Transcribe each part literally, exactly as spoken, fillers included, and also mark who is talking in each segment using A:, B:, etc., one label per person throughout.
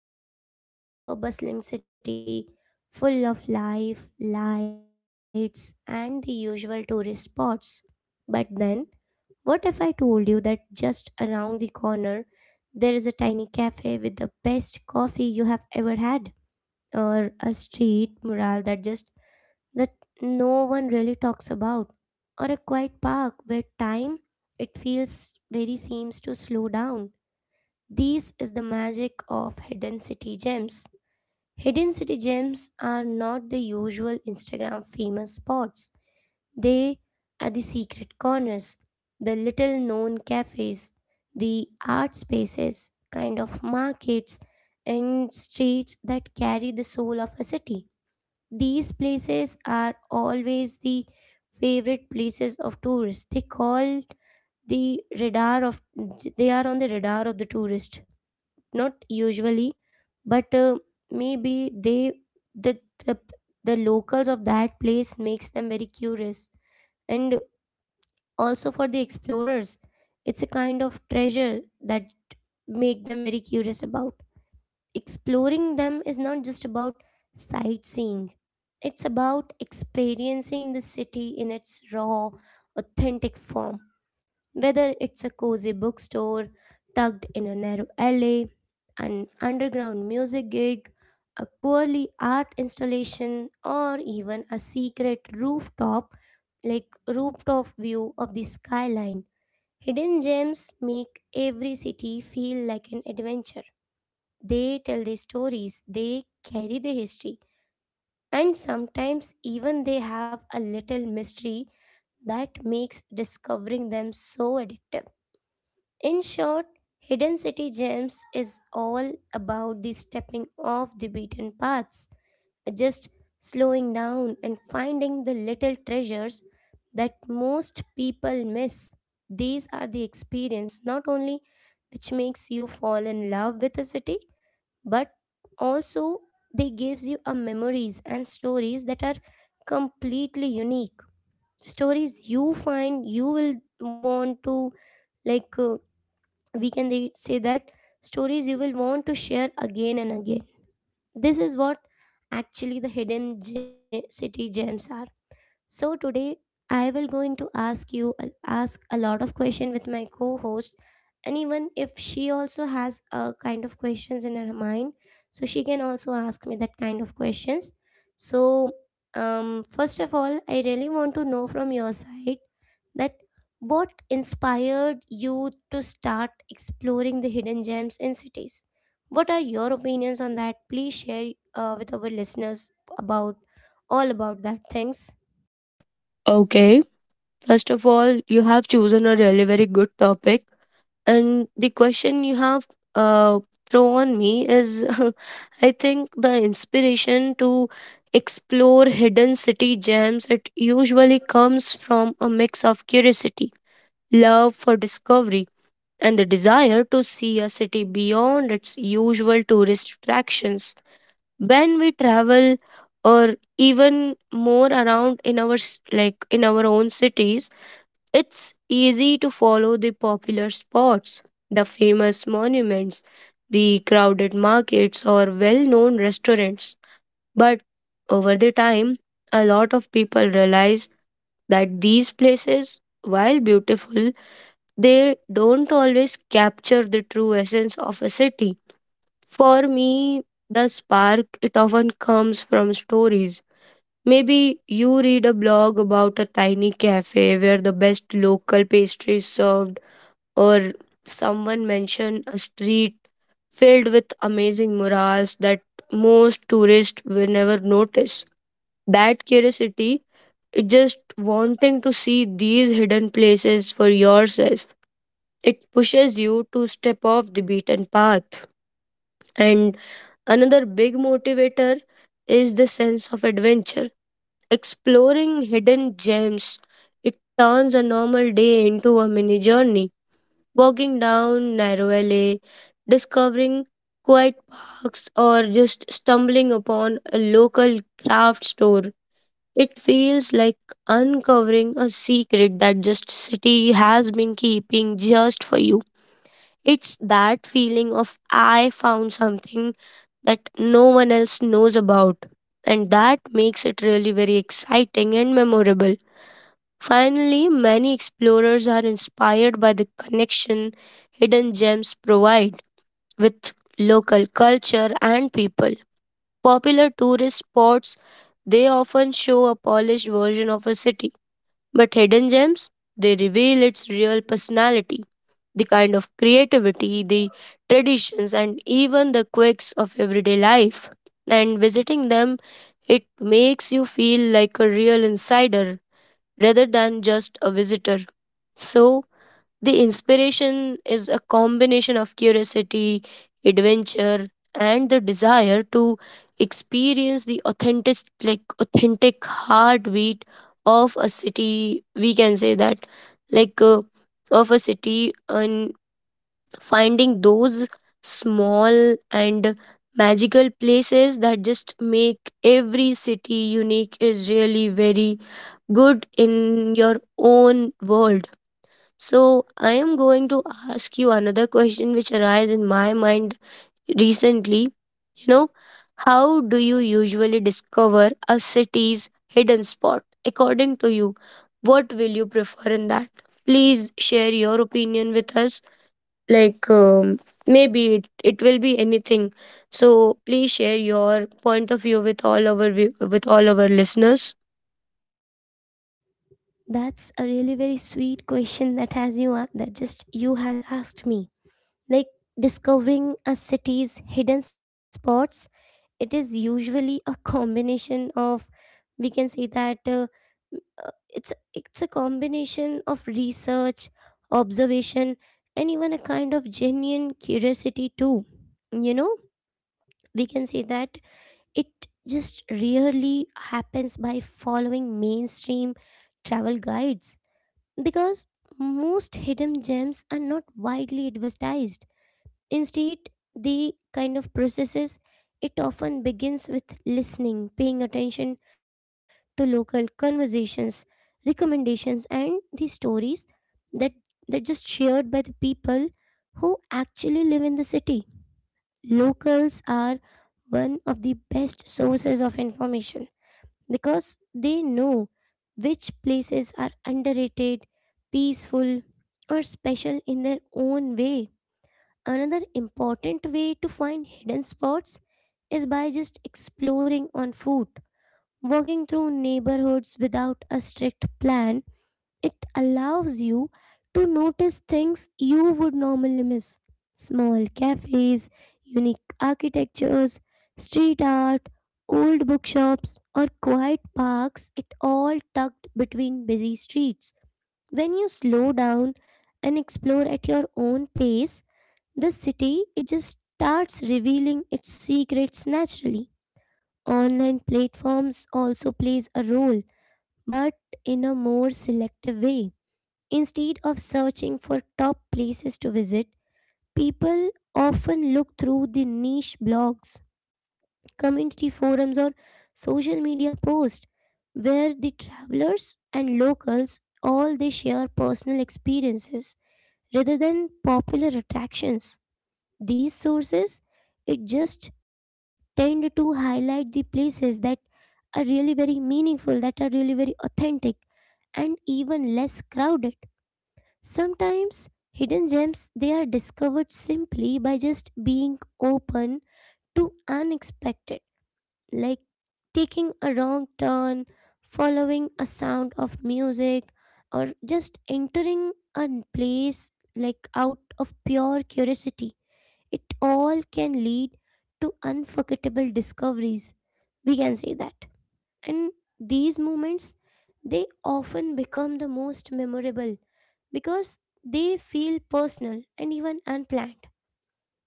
A: Imagine walking through a bustling city full of life, lights, and the usual tourist spots. But then, what if I told you that just around the corner there is a tiny cafe with the best coffee you have ever had, or a street mural that just that no one really talks about, or a quiet park where time it feels very seems to slow down. These is the magic of hidden city gems. Hidden city gems are not the usual Instagram famous spots. They are the secret corners, the little known cafes, the art spaces, kind of markets, and streets that carry the soul of a city. These places are always the favorite places of tourists. They call the radar of they are on the radar of the tourist. Not usually, but uh, maybe they the, the the locals of that place makes them very curious. And also for the explorers, it's a kind of treasure that make them very curious about exploring them. Is not just about sightseeing, it's about experiencing the city in its raw, authentic form. Whether it's a cozy bookstore tucked in a narrow alley, an underground music gig, a quirky art installation, or even a secret rooftop like rooftop view of the skyline. Hidden gems make every city feel like an adventure. They tell the stories, they carry the history, and sometimes even they have a little mystery that makes discovering them so addictive. In short, Hidden City Gems is all about the stepping off the beaten paths, just slowing down and finding the little treasures that most people miss. These are the experience not only which makes you fall in love with a city, but also they gives you a memories and stories that are completely unique. Stories you find you will want to like uh, we can they say that Stories you will want to share again and again. This is what actually the hidden ge- city gems are. So today I will going to ask you, ask a lot of question with my co-host, and even if she also has a kind of questions in her mind, so she can also ask me that kind of questions. So um first of all, I really want to know from your side that what inspired you to start exploring the hidden gems in cities. What are your opinions on that? Please share uh, with our listeners about all about that things.
B: Okay, first of all, you have chosen a really very good topic, and the question you have uh, thrown me is, I think the inspiration to explore hidden city gems it usually comes from a mix of curiosity, love for discovery, and the desire to see a city beyond its usual tourist attractions. When we travel, or even more around in our s- like in our own cities it's easy to follow the popular spots, the famous monuments, the crowded markets, or well known restaurants. But over the time, a lot of people realize that these places, while beautiful, they don't always capture the true essence of a city. For me, the spark it often comes from stories. Maybe you read a blog about a tiny cafe where the best local pastry is served, or someone mentioned a street filled with amazing murals that most tourists will never notice. That curiosity, it just wanting to see these hidden places for yourself. It pushes you to step off the beaten path. And another big motivator is the sense of adventure. Exploring hidden gems, it turns a normal day into a mini journey walking down narrow alley, discovering quiet parks, or just stumbling upon a local craft store. It feels like uncovering a secret that just city has been keeping just for you. It's that feeling of I found something that no one else knows about, and that makes it really very exciting and memorable. Finally, many explorers are inspired by the connection hidden gems provide with local culture and people. Popular tourist spots they often show a polished version of a city, but hidden gems they reveal its real personality, the kind of creativity, the traditions, and even the quirks of everyday life. And visiting them, it makes you feel like a real insider rather than just a visitor. So, the inspiration is a combination of curiosity, adventure, and the desire to experience the authentic, like authentic heartbeat of a city. We can say that, like, uh, of a city, and finding those small and magical places that just make every city unique is really very good in your own world. So, I am going to ask you another question which arise in my mind recently. You know, how do you usually discover a city's hidden spot? According to you, what will you prefer in that? Please share your opinion with us like um, maybe it, it will be anything so please share your point of view with all our view- with all our listeners.
A: That's a really very sweet question that has you a- that just you has asked me. Like, discovering a city's hidden spots, it is usually a combination of, we can say that, uh, m- uh, it's it's a combination of research, observation, and even a kind of genuine curiosity too. You know, we can say that it just rarely happens by following mainstream travel guides because most hidden gems are not widely advertised. Instead, the kind of processes, it often begins with listening, paying attention to local conversations, recommendations, and the stories that that just shared by the people who actually live in the city. Locals are one of the best sources of information because they know which places are underrated, peaceful, or special in their own way. Another important way to find hidden spots is by just exploring on foot. Walking through neighborhoods without a strict plan, it allows you to notice things you would normally miss: small cafes, unique architectures, street art, old bookshops, or quiet parks, it all tucked between busy streets. When you slow down and explore at your own pace, the city it just starts revealing its secrets naturally. Online platforms also plays a role, but in a more selective way. Instead of searching for top places to visit, people often look through the niche blogs, community forums, or social media posts where the travelers and locals all they share personal experiences rather than popular attractions. These sources, it just tend to highlight the places that are really very meaningful, that are really very authentic and even less crowded. Sometimes hidden gems they are discovered simply by just being open to unexpected, like taking a wrong turn, following a sound of music, or just entering a place like out of pure curiosity. It all can lead to unforgettable discoveries, we can say that. And these moments, they often become the most memorable because they feel personal and even unplanned.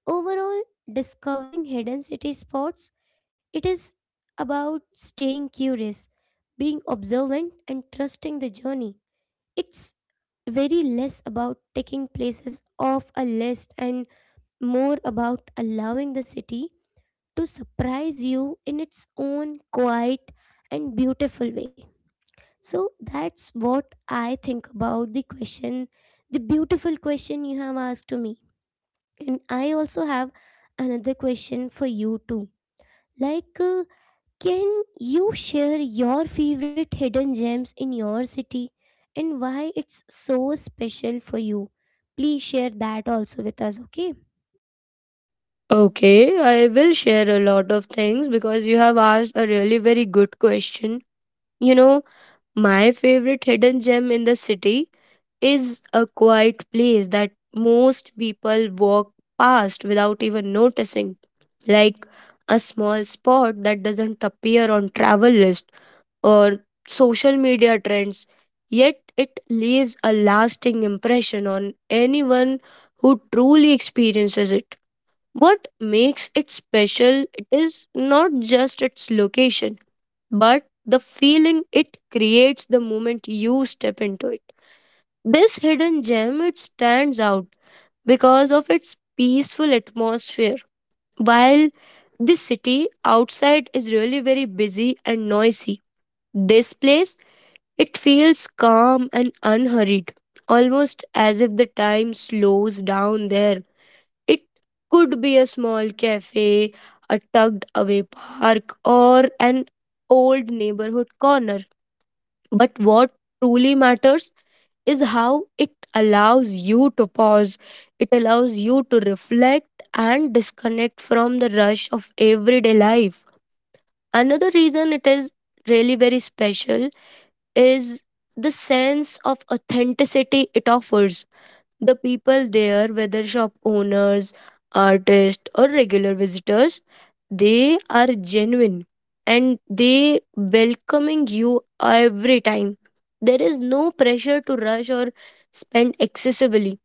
A: Overall, discovering hidden city spots, it is about staying curious, being observant, and trusting the journey. It's very less about taking places off a list and more about allowing the city to surprise you in its own quiet and beautiful way. So that's what I think about the question, the beautiful question you have asked to me. And I also have another question for you too. Like, uh, can you share your favorite hidden gems in your city and why it's so special for you? Please share that also with us, okay?
B: Okay, I will share a lot of things because you have asked a really very good question. You know, my favorite hidden gem in the city is a quiet place that most people walk past without even noticing, like a small spot that doesn't appear on travel lists or social media trends, yet it leaves a lasting impression on anyone who truly experiences it. What makes it special it is not just its location, but the feeling it creates the moment you step into it. This hidden gem it stands out because of its peaceful atmosphere. While the city outside is really very busy and noisy, this place it feels calm and unhurried, almost as if the time slows down there. It could be a small cafe, a tucked away park, or an old neighborhood corner. But what truly matters is how it allows you to pause, it allows you to reflect and disconnect from the rush of everyday life. Another reason it is really very special is the sense of authenticity it offers. The people there, whether shop owners, artists, or regular visitors, they are genuine and they welcoming you every time. There is no pressure to rush or spend excessively.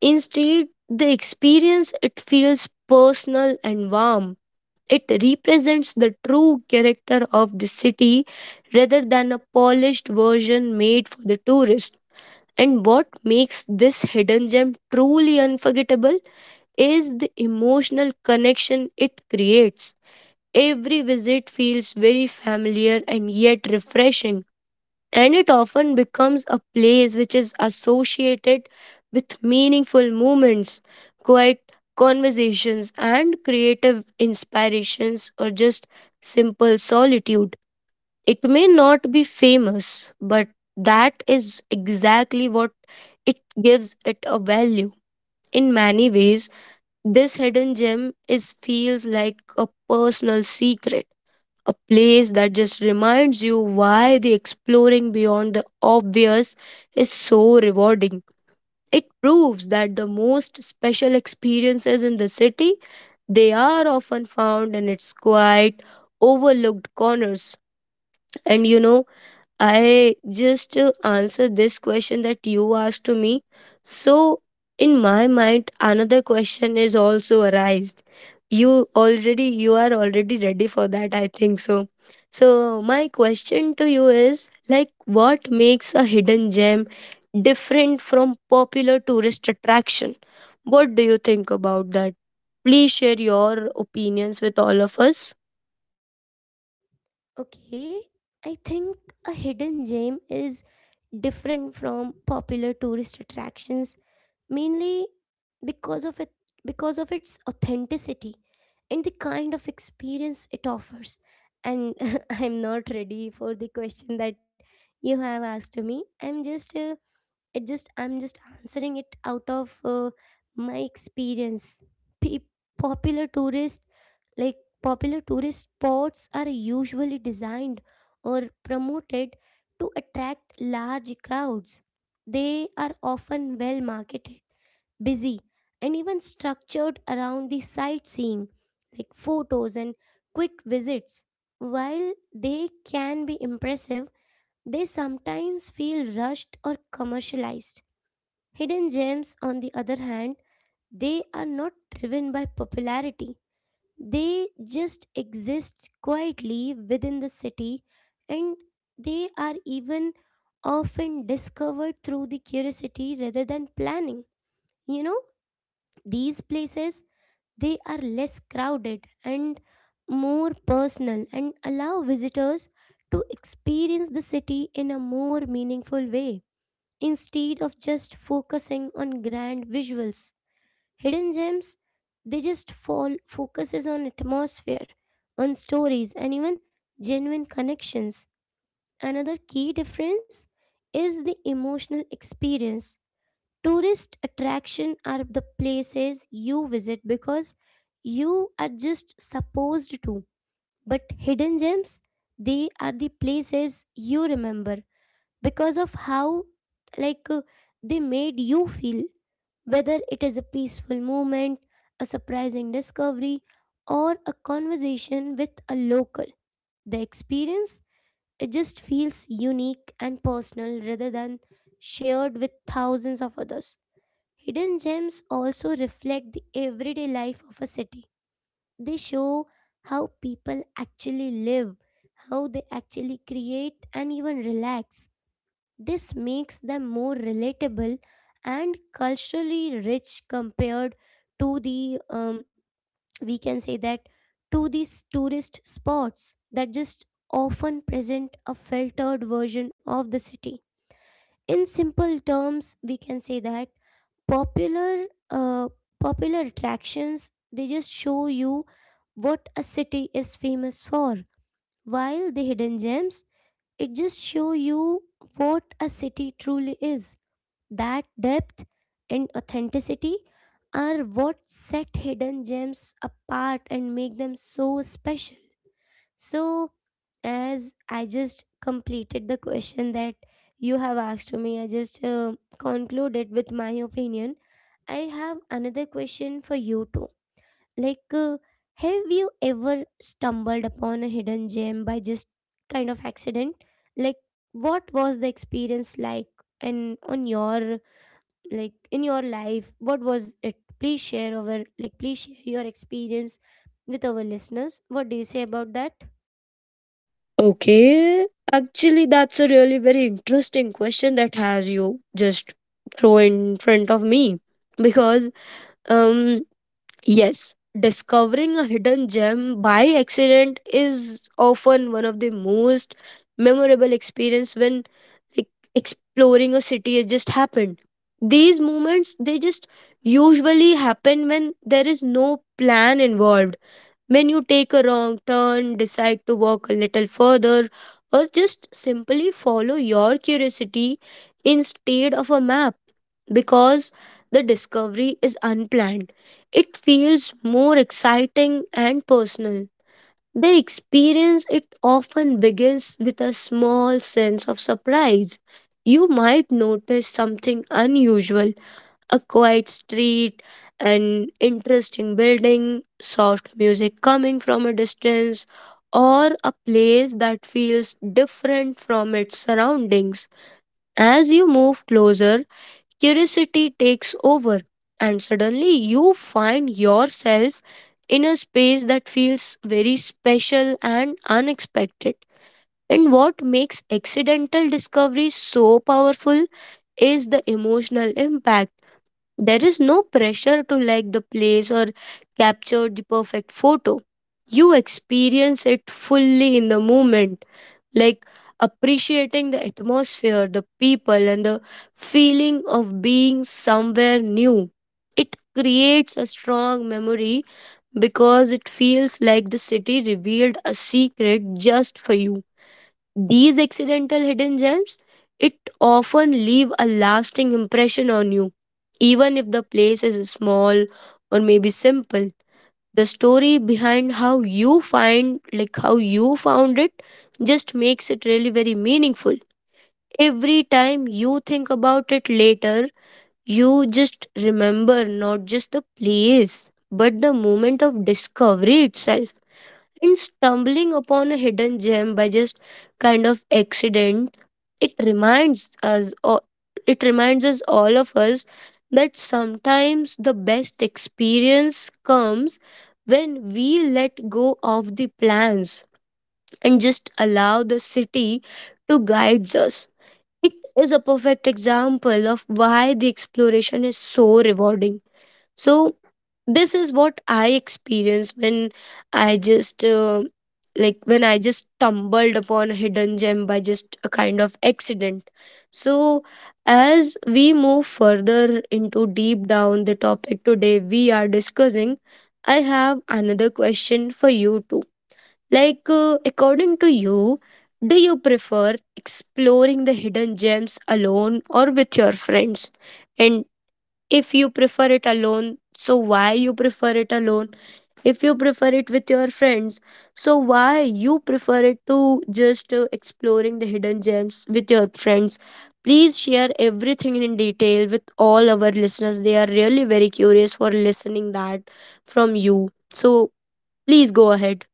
B: Instead, the experience it feels personal and warm. It represents the true character of the city rather than a polished version made for the tourist. And what makes this hidden gem truly unforgettable is the emotional connection it creates. Every visit feels very familiar and yet refreshing and it often becomes a place which is associated with meaningful moments, quiet conversations, and creative inspirations, or just simple solitude. It may not be famous, but that is exactly what it gives it a value. In many ways, this hidden gem is feels like a personal secret, a place that just reminds you why the exploring beyond the obvious is so rewarding. It proves that the most special experiences in the city they are often found in its quiet overlooked corners. And you know, I just uh, answer this question that you asked to me. So in my mind, another question is also arised. You already you are already ready for that, I think so. So my question to you is like what makes a hidden gem different from popular tourist attraction? What do you think about that? Please share your opinions with all of us.
A: Okay, I think a hidden gem is different from popular tourist attractions mainly because of it because of its authenticity and the kind of experience it offers. And I'm not ready for the question that you have asked me. I'm just uh, it just I'm just answering it out of uh, my experience. Pe- Popular tourist like popular tourist spots are usually designed or promoted to attract large crowds. They are often well marketed, busy, and even structured around the sightseeing, like photos and quick visits. While they can be impressive, they sometimes feel rushed or commercialized. Hidden gems, on the other hand, they are not driven by popularity. They just exist quietly within the city, and they are even often discovered through the curiosity rather than planning. You know, these places, they are less crowded and more personal, and allow visitors to experience the city in a more meaningful way. Instead of just focusing on grand visuals, hidden gems, they just fall focuses on atmosphere, on stories, and even genuine connections. Another key difference is the emotional experience. Tourist attraction are the places you visit because you are just supposed to, but hidden gems, they are the places you remember because of how, like uh, they made you feel. Whether it is a peaceful moment, a surprising discovery, or a conversation with a local, the experience it just feels unique and personal rather than shared with thousands of others. Hidden gems also reflect the everyday life of a city. They show how people actually live, how they actually create, and even relax. This makes them more relatable and culturally rich compared to the, um, we can say that, to these tourist spots that just often present a filtered version of the city. In simple terms, we can say that popular, uh, popular attractions, they just show you what a city is famous for, while the hidden gems, it just show you what a city truly is. That depth and authenticity are what set hidden gems apart and make them so special. So, as I just completed the question that you have asked to me, I just uh, concluded with my opinion. I have another question for you too. Like, uh, have you ever stumbled upon a hidden gem by just kind of accident? Like, what was the experience like, and on your like in your life, what was it? Please share our like please share your experience with our listeners. What do you say about that?
B: Okay, actually, that's a really very interesting question that has you just throw in front of me, because um yes, discovering a hidden gem by accident is often one of the most memorable experience when like exploring a city has just happened. These moments they just usually happen when there is no plan involved. When you take a wrong turn, decide to walk a little further, or just simply follow your curiosity instead of a map, because the discovery is unplanned it feels more exciting and personal. The experience it often begins with a small sense of surprise. You might notice something unusual, a quiet street, an interesting building, soft music coming from a distance, or a place that feels different from its surroundings. As you move closer, curiosity takes over, and suddenly you find yourself in a space that feels very special and unexpected. And what makes accidental discovery so powerful is the emotional impact. There is no pressure to like the place or capture the perfect photo. You experience it fully in the moment, like appreciating the atmosphere, the people, and the feeling of being somewhere new. It creates a strong memory because it feels like the city revealed a secret just for you. These accidental hidden gems, it often leave a lasting impression on you. Even if the place is small or maybe simple, the story behind how you find like how you found it just makes it really very meaningful. Every time you think about it later, you just remember not just the place, but the moment of discovery itself. And stumbling upon a hidden gem by just kind of accident, it reminds us o- it reminds us all of us that sometimes the best experience comes when we let go of the plans and just allow the city to guide us. It is a perfect example of why the exploration is so rewarding. So, this is what I experienced when I just uh, like when I just stumbled upon a hidden gem by just a kind of accident. So as we move further into deep down the topic today we are discussing, I have another question for you too. Like uh, according to you, do you prefer exploring the hidden gems alone or with your friends? And if you prefer it alone so why you prefer it alone, if you prefer it with your friends so why you prefer it to just uh, exploring the hidden gems with your friends? Please share everything in detail with all our listeners, they are really very curious for listening that from you. So please go ahead.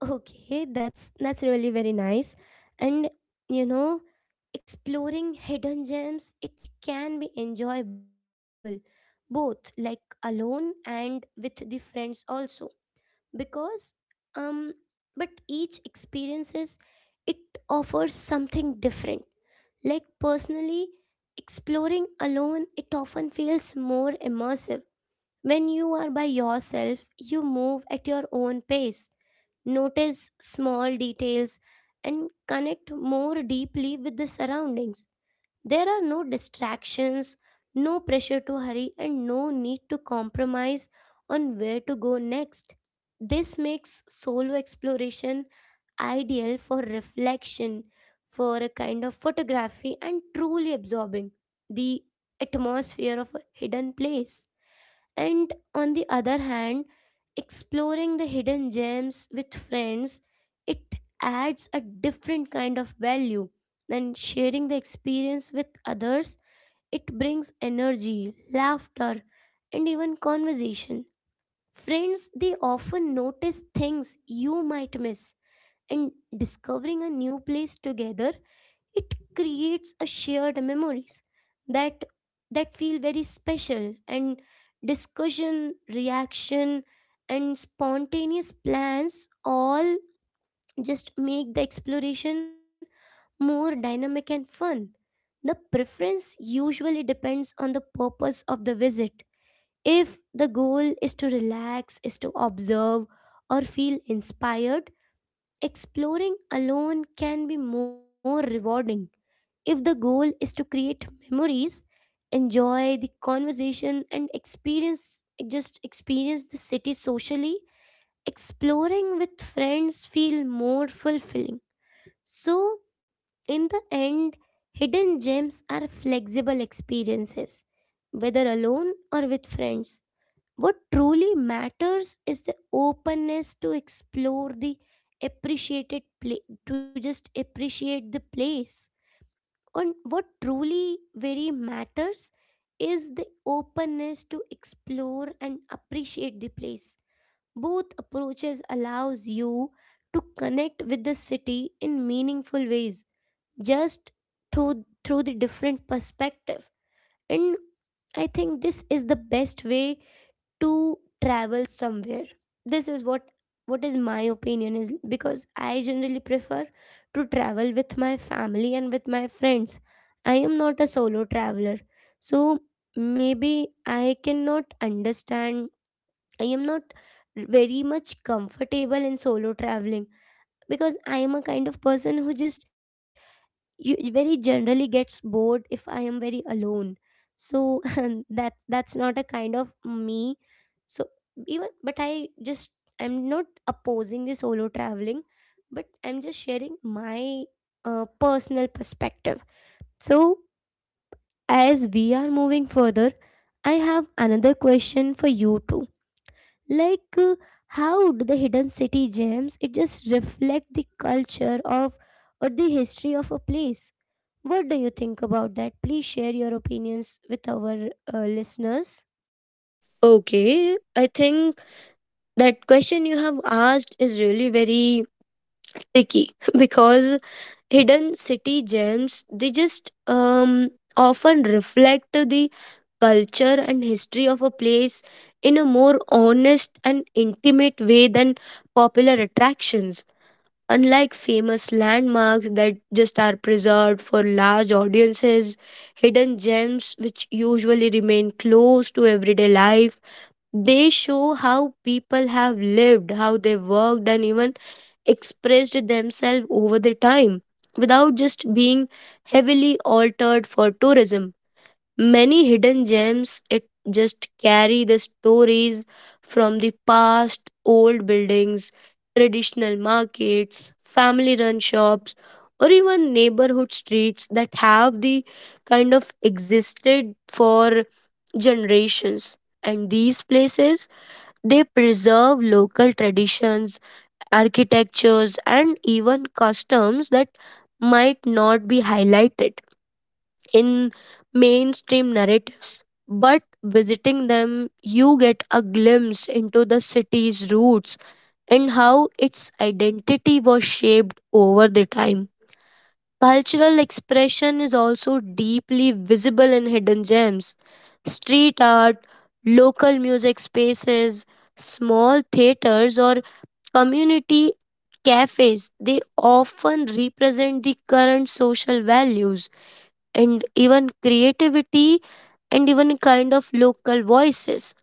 A: Okay, that's that's really very nice. And you know, exploring hidden gems, it can be enjoyable both like alone and with the friends also, because, um but each experiences, it offers something different. Like personally, exploring alone, it often feels more immersive. When you are by yourself, you move at your own pace, notice small details, and connect more deeply with the surroundings. There are no distractions, no pressure to hurry, and no need to compromise on where to go next. This makes solo exploration ideal for reflection, for a kind of photography, and truly absorbing the atmosphere of a hidden place. And on the other hand, exploring the hidden gems with friends, it adds a different kind of value. Then sharing the experience with others, it brings energy, laughter, and even conversation. Friends, they often notice things you might miss, and discovering a new place together, it creates a shared memories that that feel very special. And discussion, reaction, and spontaneous plans all just make the exploration more dynamic and fun. The preference usually depends on the purpose of the visit. If the goal is to relax, is to observe, or feel inspired, exploring alone can be more rewarding. If the goal is to create memories, enjoy the conversation, and experience just experience the city socially, exploring with friends feel more fulfilling. So, in the end, hidden gems are flexible experiences, whether alone or with friends. What truly matters is the openness to explore the appreciated place, to just appreciate the place. And what truly very matters is the openness to explore and appreciate the place. Both approaches allows you to connect with the city in meaningful ways just through through the different perspective. And I think this is the best way to travel somewhere, this is what what is my opinion is, because I generally prefer to travel with my family and with my friends. I am not a solo traveler, so maybe I cannot understand. I am not very much comfortable in solo traveling because I am a kind of person who just you very generally gets bored if I am very alone. So and that's that's not a kind of me. So even but I just, I'm not opposing the solo traveling, but I'm just sharing my uh, personal perspective. So as we are moving further, I have another question for you too. Like uh, how do the hidden city gems it just reflect the culture of or the history of a place? What do you think about that? Please share your opinions with our uh, listeners.
B: Okay, I think that question you have asked is really very tricky because hidden city gems they just um, often reflect the culture and history of a place in a more honest and intimate way than popular attractions. Unlike famous landmarks that just are preserved for large audiences, hidden gems which usually remain close to everyday life, they show how people have lived, how they worked, and even expressed themselves over the time without just being heavily altered for tourism. Many hidden gems it just carry the stories from the past, old buildings, traditional markets, family run shops, or even neighborhood streets that have the kind of existed for generations. And these places they preserve local traditions, architectures, and even customs that might not be highlighted in mainstream narratives, but visiting them, you get a glimpse into the city's roots and how its identity was shaped over the time. Cultural expression is also deeply visible in hidden gems. Street art, local music spaces, small theaters, or community cafes, they often represent the current social values and even creativity and even kind of local voices.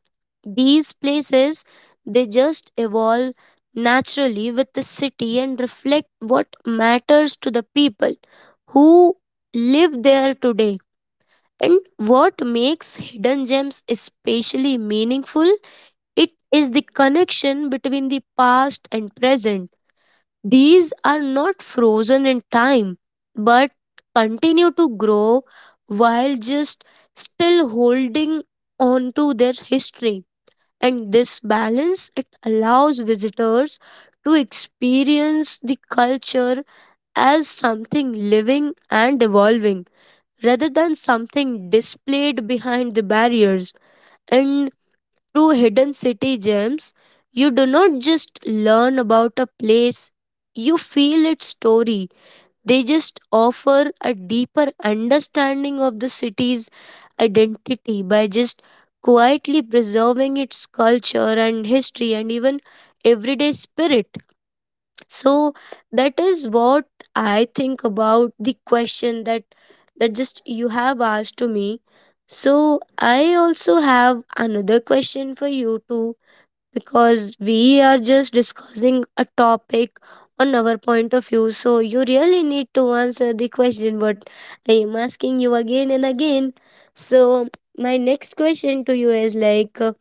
B: These places they just evolve naturally with the city and reflect what matters to the people who live there today. And what makes hidden gems especially meaningful? It is the connection between the past and present. These are not frozen in time but continue to grow while just still holding on to their history. And this balance it allows visitors to experience the culture as something living and evolving rather than something displayed behind the barriers. And through hidden city gems, you do not just learn about a place, you feel its story. They just offer a deeper understanding of the city's identity by just quietly preserving its culture and history and even everyday spirit. So that is what I think about the question that that just you have asked to me. So I also have another question for you too because we are just discussing a topic on our point of view. So you really need to answer the question what I am asking you again and again. So my next question to you is like uh,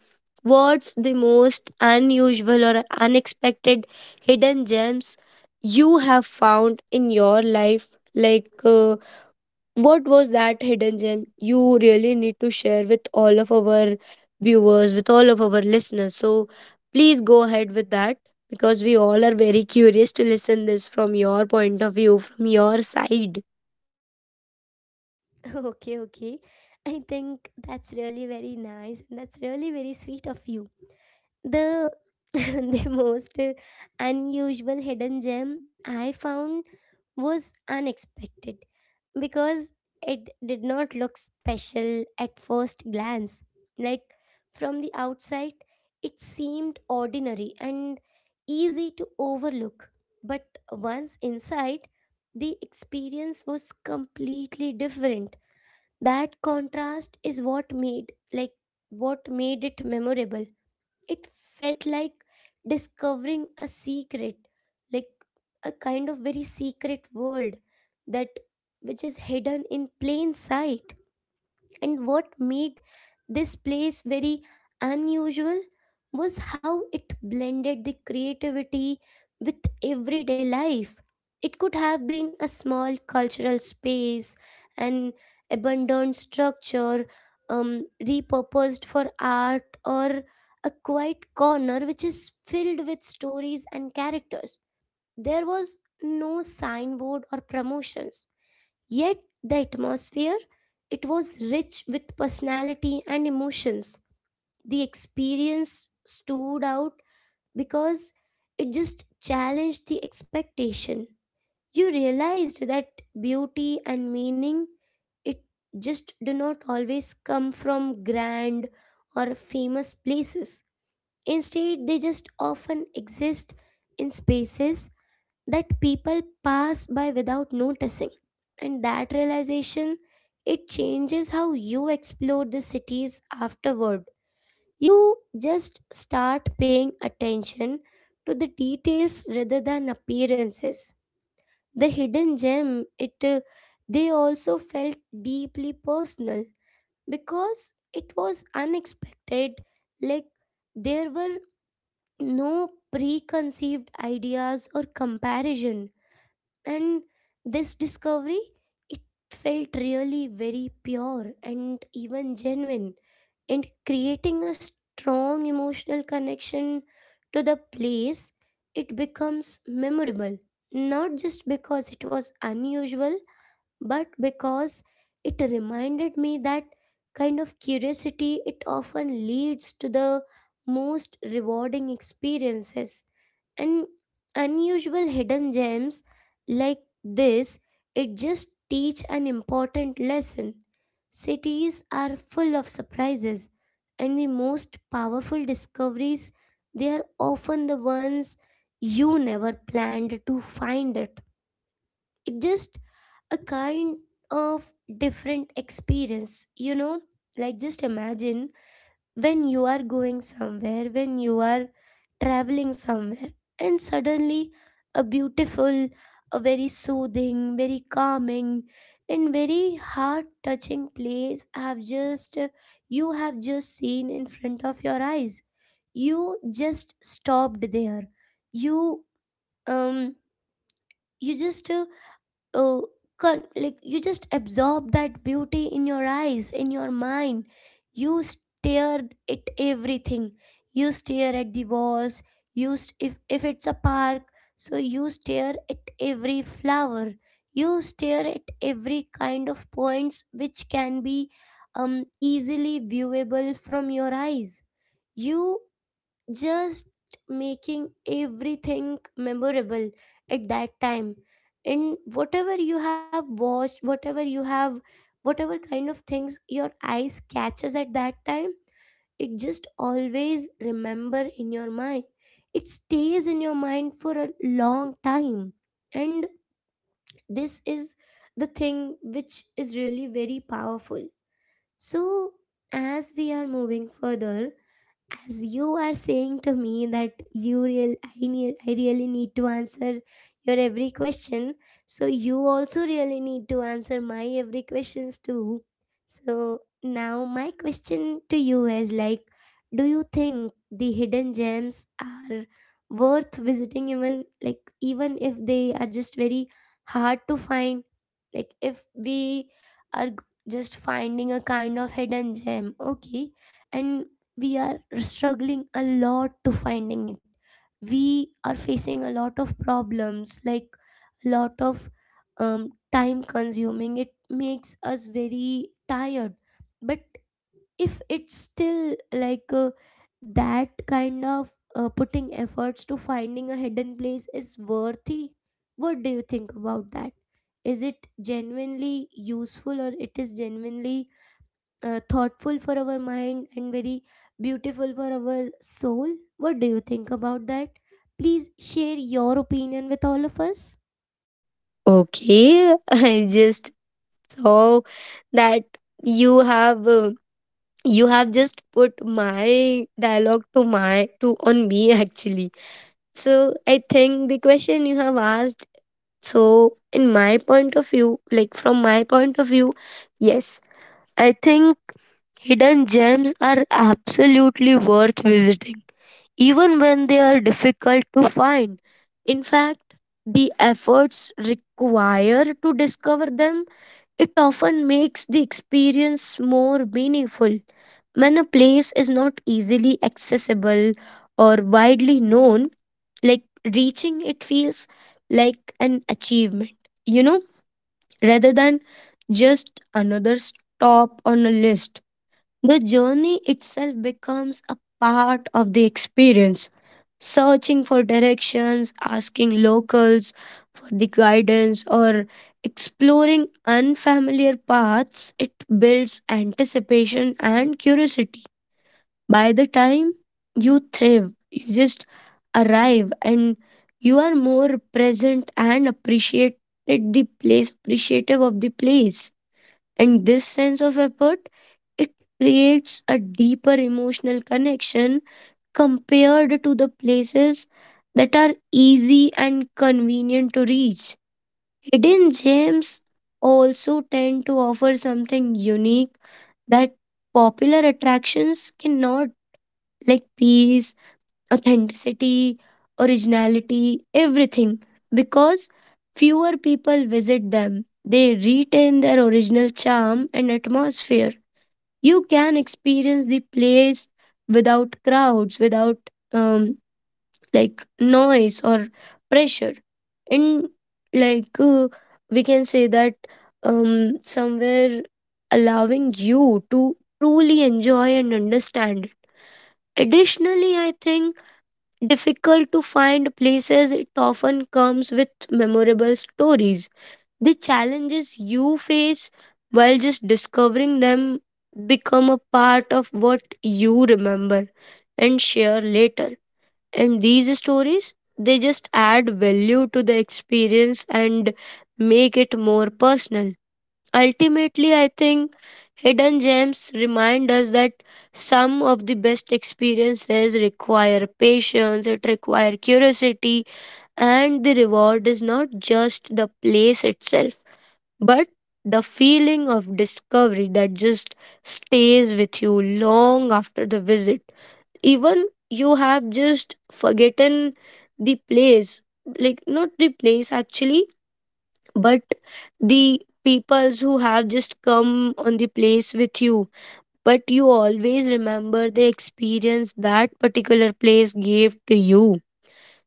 B: what's the most unusual or unexpected hidden gems you have found in your life like uh, what was that hidden gem you really need to share with all of our viewers, with all of our listeners? So please go ahead with that because we all are very curious to listen this from your point of view, from your side.
A: Okay, okay. I think that's really very nice and that's really very sweet of you. The the most uh, unusual hidden gem I found was unexpected because it did not look special at first glance. Like from the outside, it seemed ordinary and easy to overlook. But once inside, the experience was completely different. That contrast is what made, like what made it memorable. It felt like discovering a secret, like a kind of very secret world that which is hidden in plain sight. And what made this place very unusual was how it blended the creativity with everyday life. It could have been a small cultural space, an abandoned structure um, repurposed for art, or a quiet corner which is filled with stories and characters. There was no signboard or promotions. Yet the atmosphere, it was rich with personality and emotions. The experience stood out because it just challenged the expectation. You realized that beauty and meaning, it just do not always come from grand or famous places. Instead, they just often exist in spaces that people pass by without noticing. And that realization, it changes how you explore the cities afterward. You just start paying attention to the details rather than appearances. The hidden gem, it uh, they also felt deeply personal because it was unexpected. Like there were no preconceived ideas or comparison, and this discovery, it felt really very pure and even genuine, and creating a strong emotional connection to the place. It becomes memorable not just because it was unusual, but because it reminded me that kind of curiosity, it often leads to the most rewarding experiences. And unusual hidden gems like this, it just teach an important lesson. Cities are full of surprises, and the most powerful discoveries, they are often the ones you never planned to find it. It just a kind of different experience, you know, like just imagine when you are going somewhere, when you are traveling somewhere, and suddenly a beautiful, a very soothing, very calming, and very heart touching place have just, you have just seen in front of your eyes. You just stopped there. You um you just uh, uh, con- like you just absorb that beauty in your eyes, in your mind. You stare at everything. You stare at the walls. You st- if if it's a park, so you stare at every flower. You stare at every kind of points which can be um easily viewable from your eyes. You just making everything memorable at that time. And whatever you have watched, whatever you have, whatever kind of things your eyes catches at that time, it just always remember in your mind. It stays in your mind for a long time. And this is the thing which is really very powerful. So as we are moving further, as you are saying to me that you real I, need, I really need to answer your every question, so you also really need to answer my every questions too. So now my question to you is like, do you think the hidden gems are worth visiting even like, even if they are just very hard to find? Like if we are g- just finding a kind of hidden gem, okay, and we are struggling a lot to finding it, we are facing a lot of problems, like a lot of um, time consuming, it makes us very tired. But if it's still like uh, that kind of uh, putting efforts to finding a hidden place is worthy, what do you think about that? Is it genuinely useful or it is genuinely uh, thoughtful for our mind and very beautiful for our soul? What do you think about that? Please share your opinion with all of us.
B: Okay, I just saw that you have uh, you have just put my dialogue to my to on me actually. So I think the question you have asked. So, in my point of view, like from my point of view, yes, I think hidden gems are absolutely worth visiting even when they are difficult to find. In fact, the efforts required to discover them it often makes the experience more meaningful. When a place is not easily accessible or widely known, like reaching it feels like an achievement, you know, rather than just another stop on a list. The journey itself becomes a part of the experience. Searching for directions, asking locals for the guidance, or exploring unfamiliar paths, it builds anticipation and curiosity. By the time you thrive, you just arrive and you are more present and appreciate the place, appreciative of the place. And this sense of effort, it creates a deeper emotional connection compared to the places that are easy and convenient to reach. Hidden gems also tend to offer something unique that popular attractions cannot, like peace, authenticity, originality, everything, because fewer people visit them. They retain their original charm and atmosphere. You can experience the place without crowds, without um, like noise or pressure, and like uh, we can say that um, somewhere allowing you to truly enjoy and understand it. Additionally, I think difficult to find places, it often comes with memorable stories. The challenges you face while just discovering them become a part of what you remember and share later. And these stories, they just add value to the experience and make it more personal. Ultimately, I think hidden gems remind us that some of the best experiences require patience, it requires curiosity, and the reward is not just the place itself but the feeling of discovery that just stays with you long after the visit, even you have just forgotten the place, like not the place actually, but the peoples who have just come on the place with you. But you always remember the experience that particular place gave to you.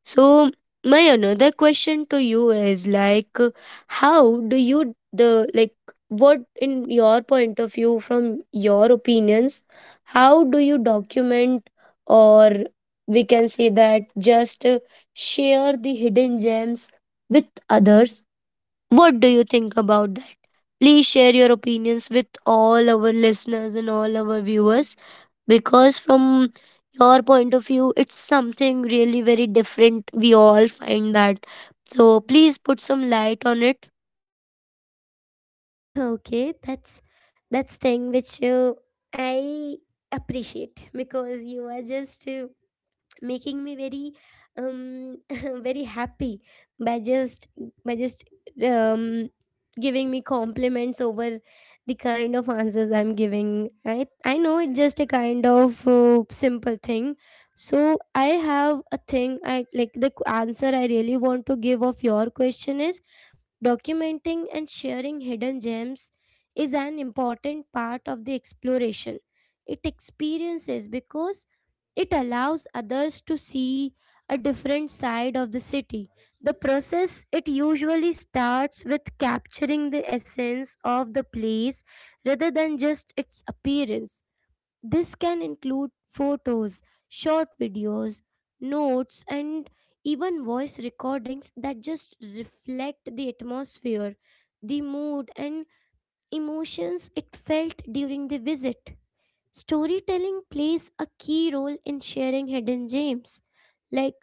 B: So my another question to you is like how do you the like what in your point of view from your opinions, how do you document or we can say that just uh, share the hidden gems with others? What do you think about that? Please share your opinions with all our listeners and all our viewers, because from your point of view it's something really very different, we all find that. So please put some light on it.
A: Okay, that's that's thing which uh, I appreciate because you are just uh, making me very um very happy by just by just um giving me compliments over the kind of answers I'm giving. I i know it's just a kind of uh, simple thing. So I have a thing, I like the q- answer I really want to give of your question is, documenting and sharing hidden gems is an important part of the exploration. It experiences because it allows others to see a different side of the city. The process, it usually starts with capturing the essence of the place rather than just its appearance. This can include photos, short videos, notes, and even voice recordings that just reflect the atmosphere, the mood, and emotions it felt during the visit. Storytelling plays a key role in sharing hidden gems. Like,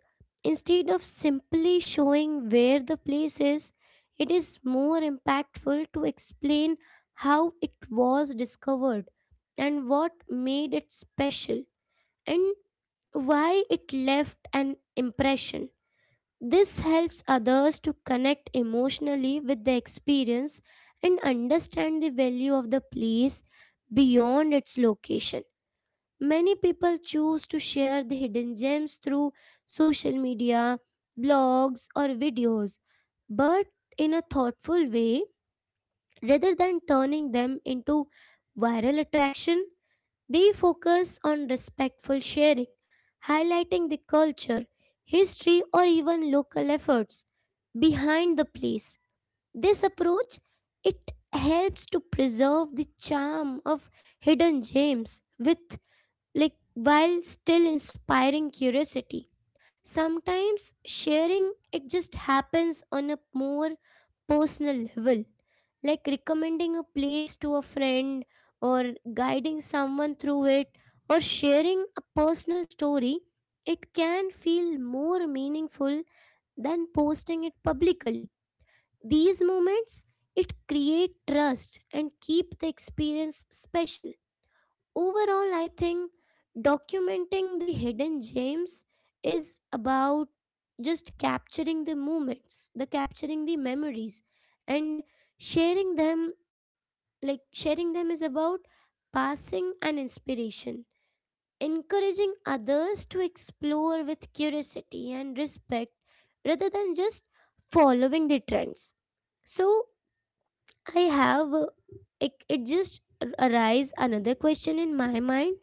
A: instead of simply showing where the place is, it is more impactful to explain how it was discovered and what made it special and why it left an impression. This helps others to connect emotionally with the experience and understand the value of the place beyond its location. Many people choose to share the hidden gems through social media, blogs, or videos, but in a thoughtful way rather than turning them into viral attraction. They focus on respectful sharing, highlighting the culture, history, or even local efforts behind the place. This approach, it helps to preserve the charm of hidden gems with like, while still inspiring curiosity. Sometimes sharing it just happens on a more personal level, like recommending a place to a friend or guiding someone through it or sharing a personal story. It can feel more meaningful than posting it publicly. These moments, it create trust and keep the experience special. Overall, I think documenting the hidden gems is about just capturing the moments, the capturing the memories, and sharing them. Like sharing them is about passing an inspiration, encouraging others to explore with curiosity and respect rather than just following the trends. So I have uh, it, it just arise another question in my mind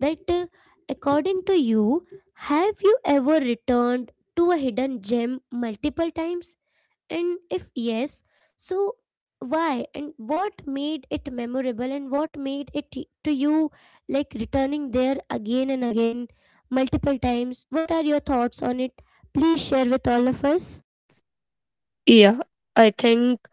A: that uh, according to you, have you ever returned to a hidden gem multiple times? And if yes, so why and what made it memorable and what made it y- to you, like returning there again and again multiple times? What are your thoughts on it? Please share with all of us.
B: Yeah, I think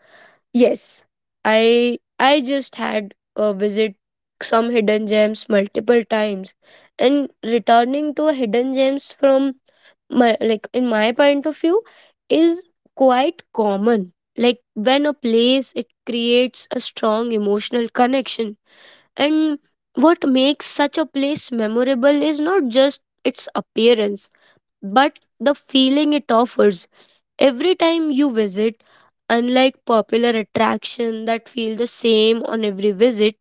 B: yes. I I just had a visit some hidden gems multiple times, and returning to a hidden gems from my like in my point of view is quite common. Like when a place it creates a strong emotional connection. And what makes such a place memorable is not just its appearance, but the feeling it offers. Every time you visit, unlike popular attractions that feel the same on every visit,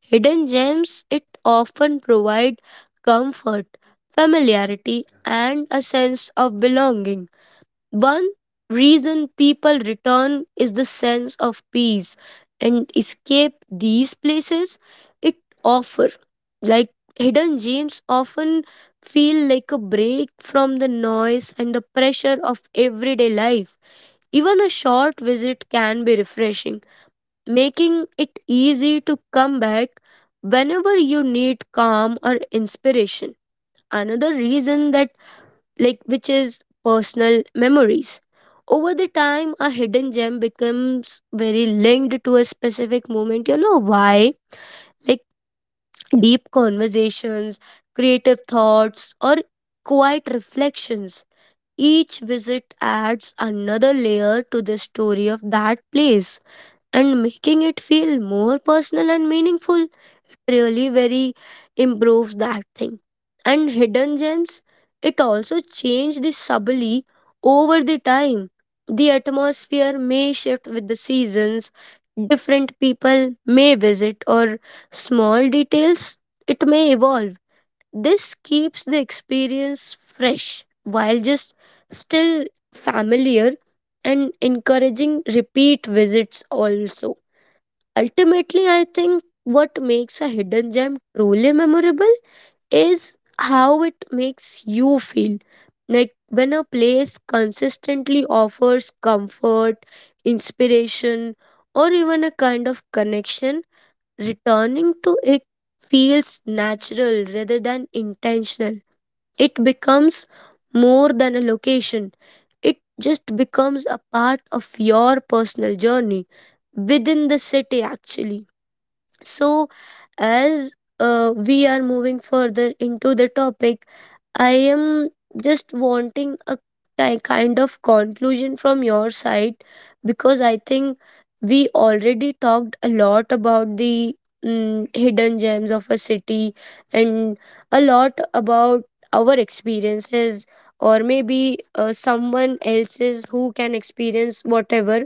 B: hidden gems it often provide comfort, familiarity and a sense of belonging. One reason people return is the sense of peace and escape these places it offer. Like hidden gems often feel like a break from the noise and the pressure of everyday life. Even a short visit can be refreshing, making it easy to come back whenever you need calm or inspiration. Another reason that like which is personal memories. Over the time, a hidden gem becomes very linked to a specific moment. You know why? Like deep conversations, creative thoughts, or quiet reflections. Each visit adds another layer to the story of that place and making it feel more personal and meaningful, really very improves that thing. And hidden gems, it also change the subtly over the time. The atmosphere may shift with the seasons, different people may visit or small details it may evolve. This keeps the experience fresh while just still familiar, and encouraging repeat visits also. Ultimately, I think what makes a hidden gem truly memorable is how it makes you feel. Like when a place consistently offers comfort, inspiration, or even a kind of connection, returning to it feels natural rather than intentional. It becomes more than a location, it just becomes a part of your personal journey within the city, actually. So, as uh, we are moving further into the topic, I am just wanting a ki- kind of conclusion from your side because I think we already talked a lot about the mm, hidden gems of a city and a lot about our experiences or maybe uh, someone else's who can experience whatever.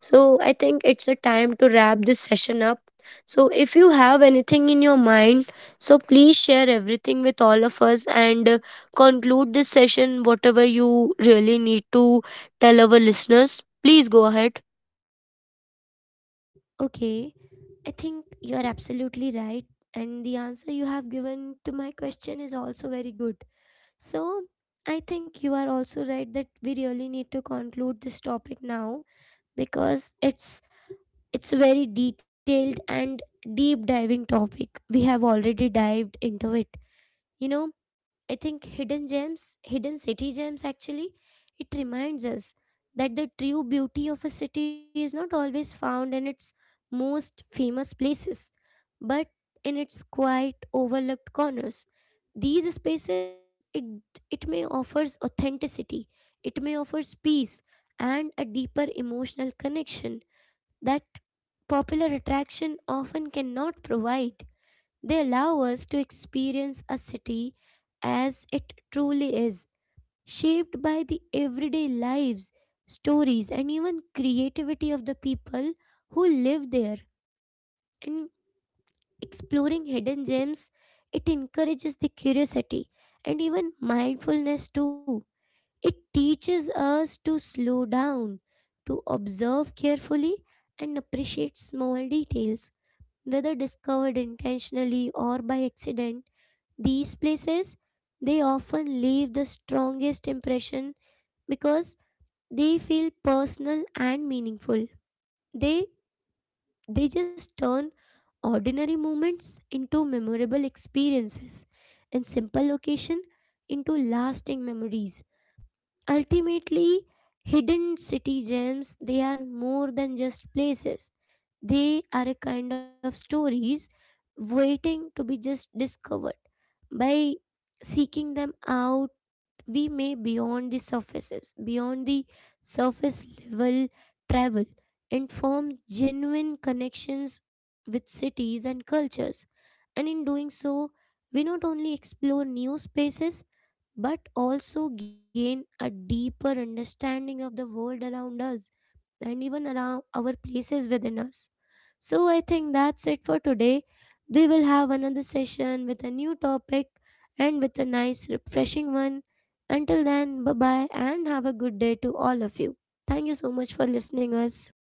B: So I think it's a time to wrap this session up. So, if you have anything in your mind, so please share everything with all of us and uh, conclude this session, whatever you really need to tell our listeners. Please go ahead.
A: Okay, I think you are absolutely right, and the answer you have given to my question is also very good. So, I think you are also right that we really need to conclude this topic now because it's it's a very detailed and deep diving topic. We have already dived into it. You know, I think hidden gems, hidden city gems actually, it reminds us that the true beauty of a city is not always found in its most famous places, but in its quiet, overlooked corners. These spaces, it it may offers authenticity, it may offers peace and a deeper emotional connection that popular attraction often cannot provide. They allow us to experience a city as it truly is, shaped by the everyday lives, stories, and even creativity of the people who live there. And exploring hidden gems, it encourages the curiosity and even mindfulness too. It teaches us to slow down, to observe carefully, and appreciate small details, whether discovered intentionally or by accident. These places, they often leave the strongest impression because they feel personal and meaningful. They they just turn ordinary moments into memorable experiences and simple location into lasting memories. Ultimately, hidden city gems, they are more than just places. They are a kind of stories waiting to be just discovered. By seeking them out, we may beyond the surfaces, beyond the surface level travel, and form genuine connections with cities and cultures. And in doing so, we not only explore new spaces but also gain a deeper understanding of the world around us and even around our places within us. So I think that's it for today. We will have another session with a new topic and with a nice, refreshing one. Until then, bye bye and have a good day to all of you. Thank you so much for listening us.